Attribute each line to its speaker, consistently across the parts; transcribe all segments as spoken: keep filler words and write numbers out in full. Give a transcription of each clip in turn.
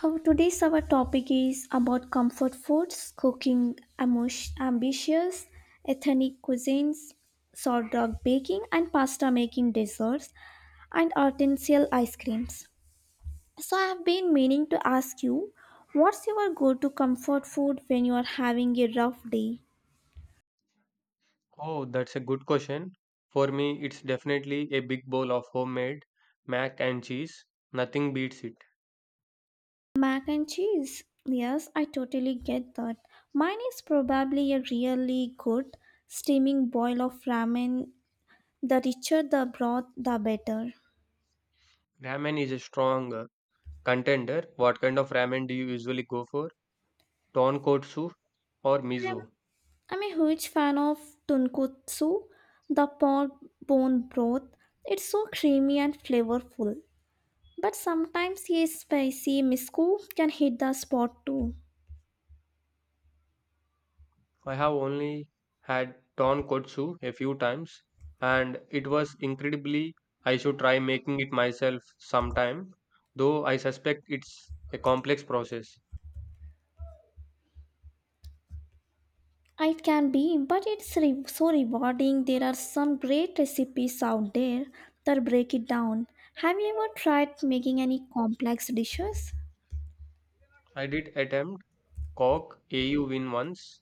Speaker 1: Our today's our topic is about comfort foods, cooking amos- ambitious, ethnic cuisines, sourdough baking and pasta making desserts, and artisanal ice creams. So I have been meaning to ask you, what's your go-to comfort food when you are having a rough day?
Speaker 2: Oh, that's a good question. For me, it's definitely a big bowl of homemade mac and cheese. Nothing beats it.
Speaker 1: Mac and cheese. Yes, I totally get that. Mine is probably a really good steaming boil of ramen. The richer the broth, the better.
Speaker 2: Ramen is a strong uh, contender. What kind of ramen do you usually go for? Tonkotsu or
Speaker 1: I'm,
Speaker 2: miso?
Speaker 1: I'm a huge fan of tonkotsu, the pork bone broth. It's so creamy and flavorful. But sometimes a spicy misku can hit the spot too.
Speaker 2: I have only had tonkotsu a few times, and it was incredibly. I should try making it myself sometime, though I suspect it's a complex process.
Speaker 1: It can be, but it's re- so rewarding. There are some great recipes out there that break it down. Have you ever tried making any complex dishes?
Speaker 2: I did attempt kok au win once.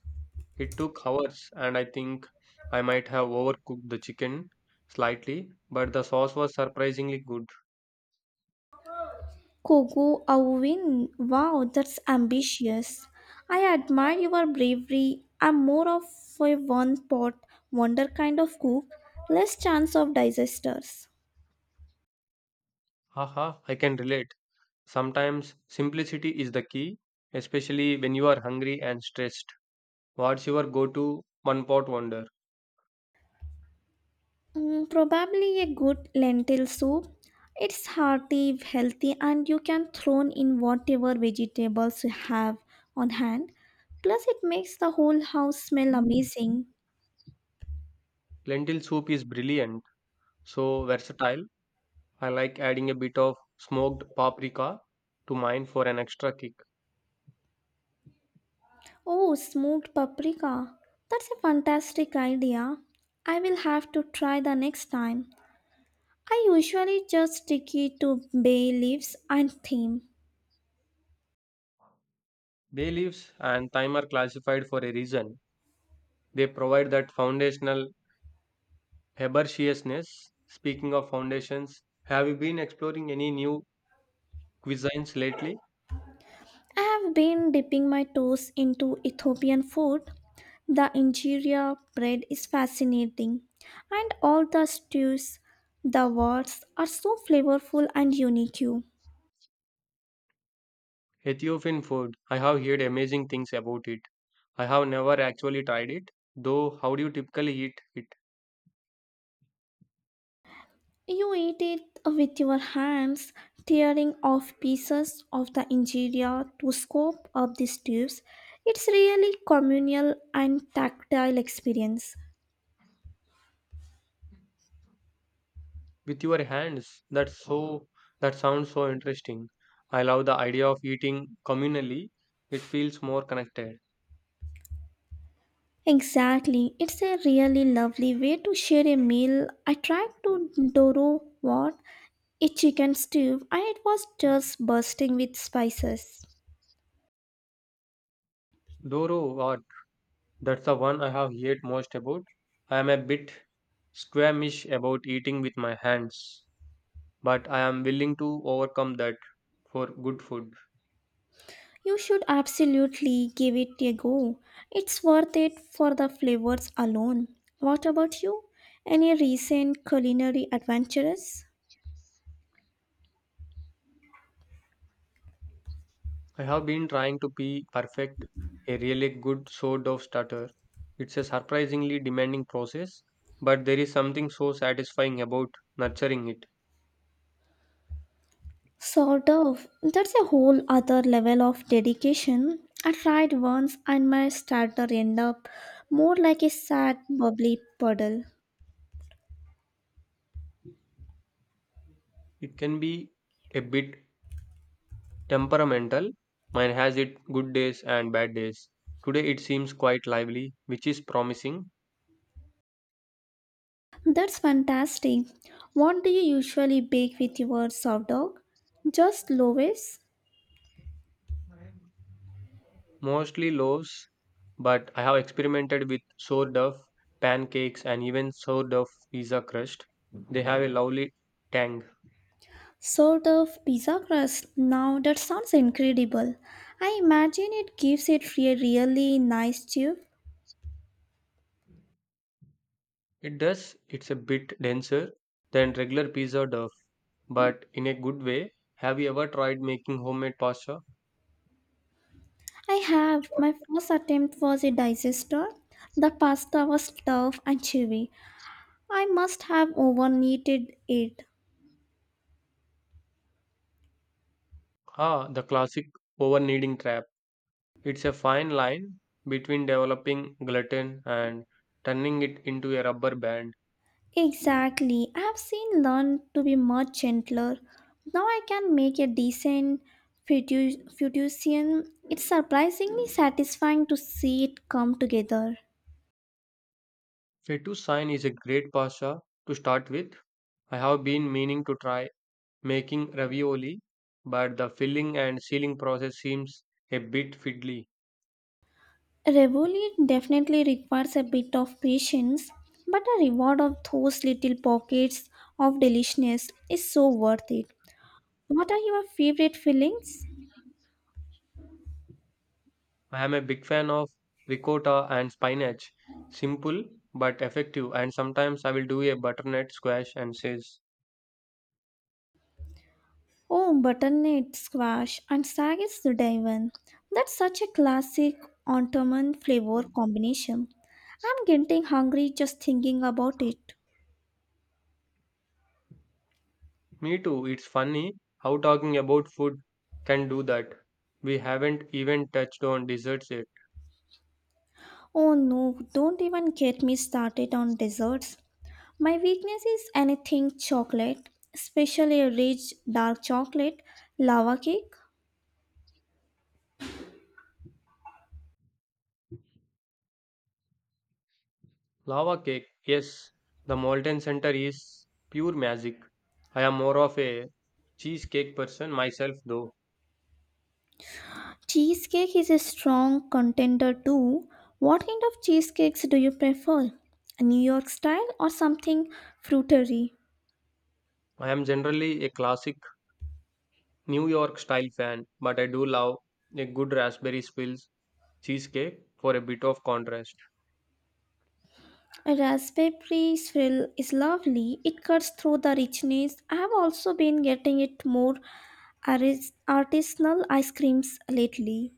Speaker 2: It took hours, and I think I might have overcooked the chicken slightly, but the sauce was surprisingly good.
Speaker 1: Kogo Awin, wow, that's ambitious. I admire your bravery. I'm more of a one pot wonder kind of cook, less chance of disasters.
Speaker 2: Haha, I can relate. Sometimes simplicity is the key, especially when you are hungry and stressed. What's your go to one pot wonder?
Speaker 1: Mm, probably a good lentil soup. It's hearty, healthy, and you can throw in whatever vegetables you have on hand. Plus, it makes the whole house smell
Speaker 2: Mm.
Speaker 1: amazing.
Speaker 2: Lentil soup is brilliant, so versatile. I like adding a bit of smoked paprika to mine for an extra kick.
Speaker 1: Oh, smoked paprika. That's a fantastic idea. I will have to try the next time. I usually just stick it to bay leaves and thyme.
Speaker 2: Bay leaves and thyme are classified for a reason. They provide that foundational herbaceousness. Speaking of foundations, have you been exploring any new cuisines lately?
Speaker 1: I have been dipping my toes into Ethiopian food. The injera bread is fascinating, and all the stews, the words are so flavorful and unique.
Speaker 2: Ethiopian food. I have heard amazing things about it. I have never actually tried it, though. How do you typically eat it?
Speaker 1: You eat it with your hands, tearing off pieces of the interior to scoop up the tubes. It's really communal and tactile experience.
Speaker 2: With your hands. That's so. That sounds so interesting. I love the idea of eating communally. It feels more connected.
Speaker 1: Exactly, it's a really lovely way to share a meal. I tried to doro what a chicken stew, and it was just bursting with spices.
Speaker 2: Doro what? That's the one I have heard most about. I am a bit squeamish about eating with my hands, but I am willing to overcome that for good food.
Speaker 1: You should absolutely give it a go. It's worth it for the flavors alone. What about you? Any recent culinary adventures?
Speaker 2: I have been trying to be perfect a really good sort of starter. It's a surprisingly demanding process, but there is something so satisfying about nurturing it.
Speaker 1: Sort of. That's a whole other level of dedication. I tried once and my starter ended up more like a sad, bubbly puddle.
Speaker 2: It can be a bit temperamental. Mine has it good days and bad days. Today it seems quite lively, which is promising.
Speaker 1: That's fantastic. What do you usually bake with your sourdough? Just loaves?
Speaker 2: Mostly loaves, but I have experimented with sourdough pancakes and even sourdough pizza crust. They have a lovely tang.
Speaker 1: Sort of pizza crust. Now that sounds incredible. I imagine it gives it a really nice tube.
Speaker 2: It does, it's a bit denser than regular pizza dough, but in a good way. Have you ever tried making homemade pasta?
Speaker 1: I have. My first attempt was a digester. The pasta was tough and chewy. I must have overkneaded it.
Speaker 2: Ah, the classic over kneading trap. It's a fine line between developing gluten and turning it into a rubber band.
Speaker 1: Exactly. I have seen learn to be much gentler. Now I can make a decent fettu- fettuccine. It's surprisingly satisfying to see it come together.
Speaker 2: Fettuccine is a great pasta to start with. I have been meaning to try making ravioli, but the filling and sealing process seems a bit fiddly.
Speaker 1: Revolut definitely requires a bit of patience, but a reward of those little pockets of deliciousness is so worth it. What are your favorite fillings?
Speaker 2: I am a big fan of ricotta and spinach. Simple but effective, and sometimes I will do a butternut squash and says,
Speaker 1: Oh, butternut squash and sag is the divan. That's such a classic autumn flavor combination. I'm getting hungry just thinking about it.
Speaker 2: me too. It's funny how talking about food can do that. We haven't even touched on desserts yet.
Speaker 1: Oh no, don't even get me started on desserts. My weakness is anything chocolate, especially a rich dark chocolate, lava cake.
Speaker 2: Lava cake, yes, the Molten Center is pure magic. I am more of a cheesecake person myself, though.
Speaker 1: Cheesecake is a strong contender too. What kind of cheesecakes do you prefer? A New York style or something fruitery?
Speaker 2: I am generally a classic New York style fan, but I do love a good raspberry spills cheesecake for a bit of contrast.
Speaker 1: A raspberry swirl is lovely. It cuts through the richness. I have also been getting it more aris- artisanal ice creams lately.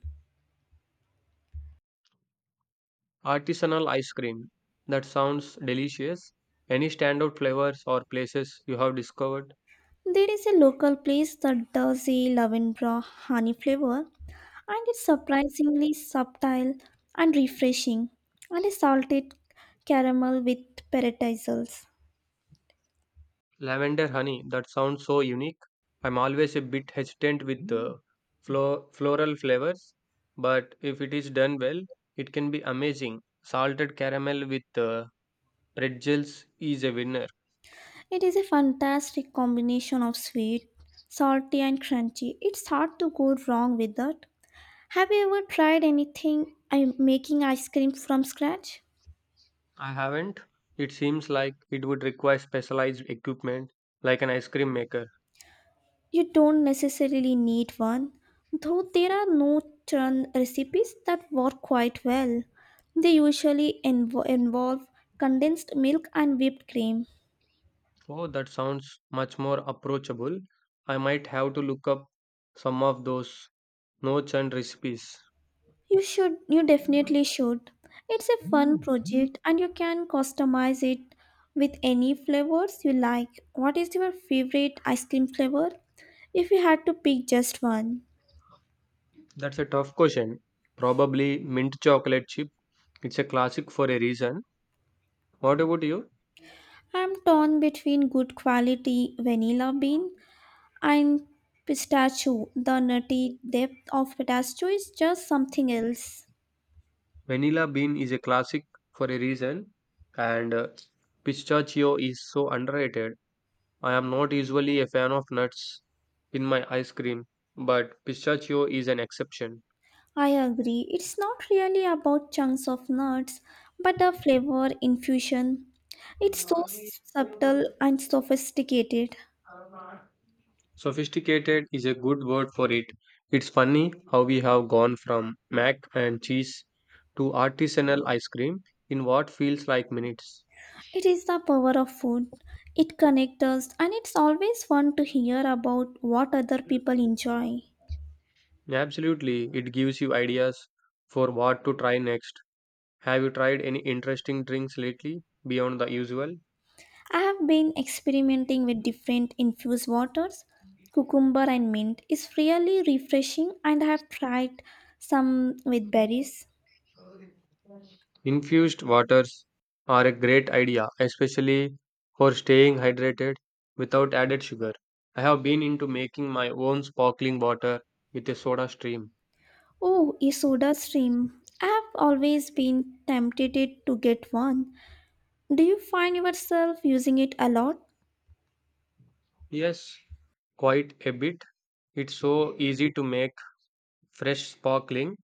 Speaker 2: Artisanal ice cream. That sounds delicious. Any standout flavors or places you have discovered?
Speaker 1: There is a local place that does a lavender honey flavor, and it's surprisingly subtle and refreshing, and a salted caramel with paradisals.
Speaker 2: Lavender honey. That sounds so unique. I'm always a bit hesitant with the flo- floral flavors, but if it is done well, it can be amazing. Salted caramel with uh, pretzels is a winner.
Speaker 1: It is a fantastic combination of sweet, salty, and crunchy. It's hard to go wrong with that. Have you ever tried anything I'm making ice cream from scratch?
Speaker 2: I haven't. It seems like it would require specialized equipment like an ice cream maker.
Speaker 1: You don't necessarily need one, though there are no churn recipes that work quite well. They usually invo- involve condensed milk and whipped cream.
Speaker 2: Oh, that sounds much more approachable. I might have to look up some of those notes and recipes.
Speaker 1: You should, you definitely should. It's a fun project and you can customize it with any flavors you like. What is your favorite ice cream flavor? If you had to pick just one,
Speaker 2: That's a tough question. Probably mint chocolate chip. It's a classic for a reason. What about you?
Speaker 1: I'm torn between good quality vanilla bean and pistachio, the nutty depth of pistachio is just something else.
Speaker 2: Vanilla bean is a classic for a reason, and uh, pistachio is so underrated. I am not usually a fan of nuts in my ice cream, but pistachio is an exception.
Speaker 1: I agree, it's not really about chunks of nuts, but the flavor infusion. It's so subtle and sophisticated.
Speaker 2: Sophisticated is a good word for it. It's funny how we have gone from mac and cheese to artisanal ice cream in what feels like minutes.
Speaker 1: It is the power of food. It connects us, and it's always fun to hear about what other people enjoy.
Speaker 2: Absolutely, it gives you ideas for what to try next. Have you tried any interesting drinks lately beyond the usual?
Speaker 1: I have been experimenting with different infused waters. Cucumber and mint is really refreshing, and I have tried some with berries.
Speaker 2: Infused waters are a great idea, especially for staying hydrated without added sugar. I have been into making my own sparkling water with a soda stream.
Speaker 1: Oh, a soda stream. I have always been tempted to get one. Do you find yourself using it a lot?
Speaker 2: Yes, quite a bit. It's so easy to make fresh sparkling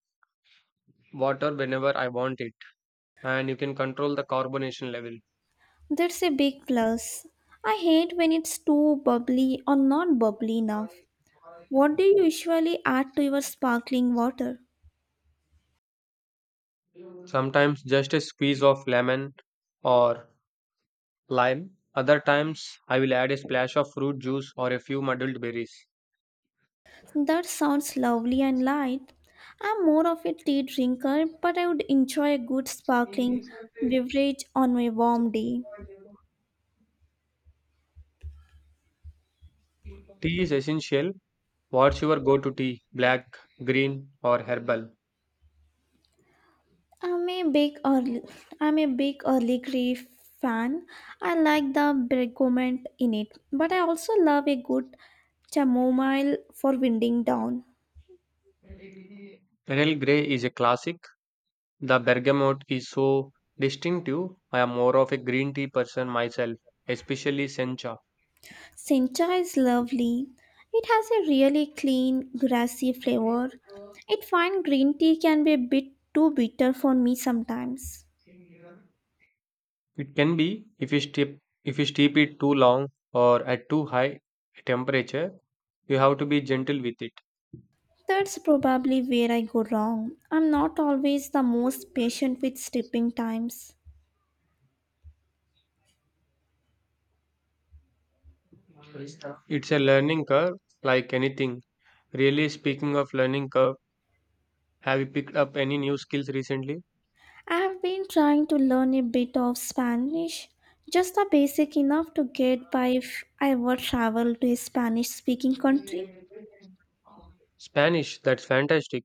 Speaker 2: water whenever I want it, and you can control the carbonation level.
Speaker 1: That's a big plus. I hate when it's too bubbly or not bubbly enough. What do you usually add to your sparkling water?
Speaker 2: Sometimes just a squeeze of lemon or lime. Other times, I will add a splash of fruit juice or a few muddled berries.
Speaker 1: That sounds lovely and light. I'm more of a tea drinker, but I would enjoy a good sparkling beverage on a warm day.
Speaker 2: Tea is essential. What's your go to tea? Black, green, or herbal?
Speaker 1: I'm a big early, I'm a big early grey fan. I like the bergamot in it, but I also love a good chamomile for winding down.
Speaker 2: Earl Grey is a classic. The bergamot is so distinctive. I am more of a green tea person myself, especially sencha.
Speaker 1: Sencha is lovely. It has a really clean, grassy flavor. It fine green tea can be a bit too bitter for me sometimes.
Speaker 2: It can be if you steep if you steep it too long or at too high a temperature, you have to be gentle with it.
Speaker 1: That's probably where I go wrong. I'm not always the most patient with stripping times.
Speaker 2: It's a learning curve like anything. Really speaking of learning curve, have you picked up any new skills recently?
Speaker 1: I have been trying to learn a bit of Spanish, just the basic enough to get by if I ever travel to a Spanish speaking country.
Speaker 2: Spanish, that's fantastic.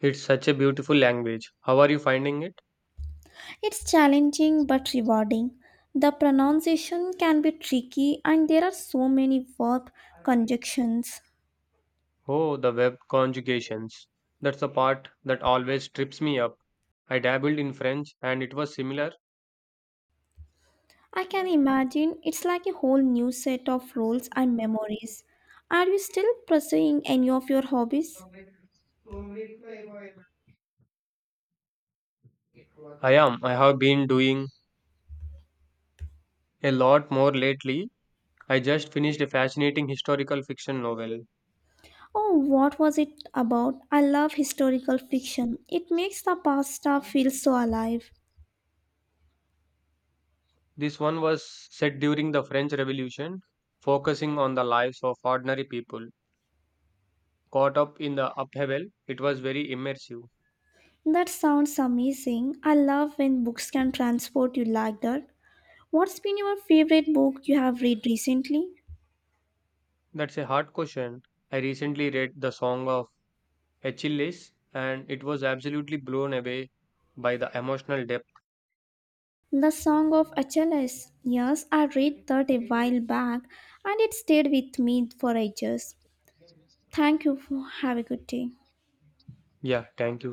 Speaker 2: It's such a beautiful language. How are you finding it?
Speaker 1: It's challenging but rewarding. The pronunciation can be tricky, and there are so many verb conjunctions.
Speaker 2: Oh, the verb conjugations. That's the part that always trips me up. I dabbled in French and it was similar.
Speaker 1: I can imagine it's like a whole new set of rules and memories. Are you still pursuing any of your hobbies?
Speaker 2: I am. I have been doing a lot more lately. I just finished a fascinating historical fiction novel.
Speaker 1: Oh, what was it about? I love historical fiction. It makes the past stuff feel so alive.
Speaker 2: This one was set during the French Revolution, focusing on the lives of ordinary people. Caught up in the upheaval, it was very immersive.
Speaker 1: That sounds amazing. I love when books can transport you like that. What's been your favorite book you have read recently?
Speaker 2: That's a hard question. I recently read The Song of Achilles, and it was absolutely blown away by the emotional depth.
Speaker 1: The Song of Achilles. Yes, I read that a while back and it stayed with me for ages. Thank you. for- Have a good day.
Speaker 2: Yeah, thank you.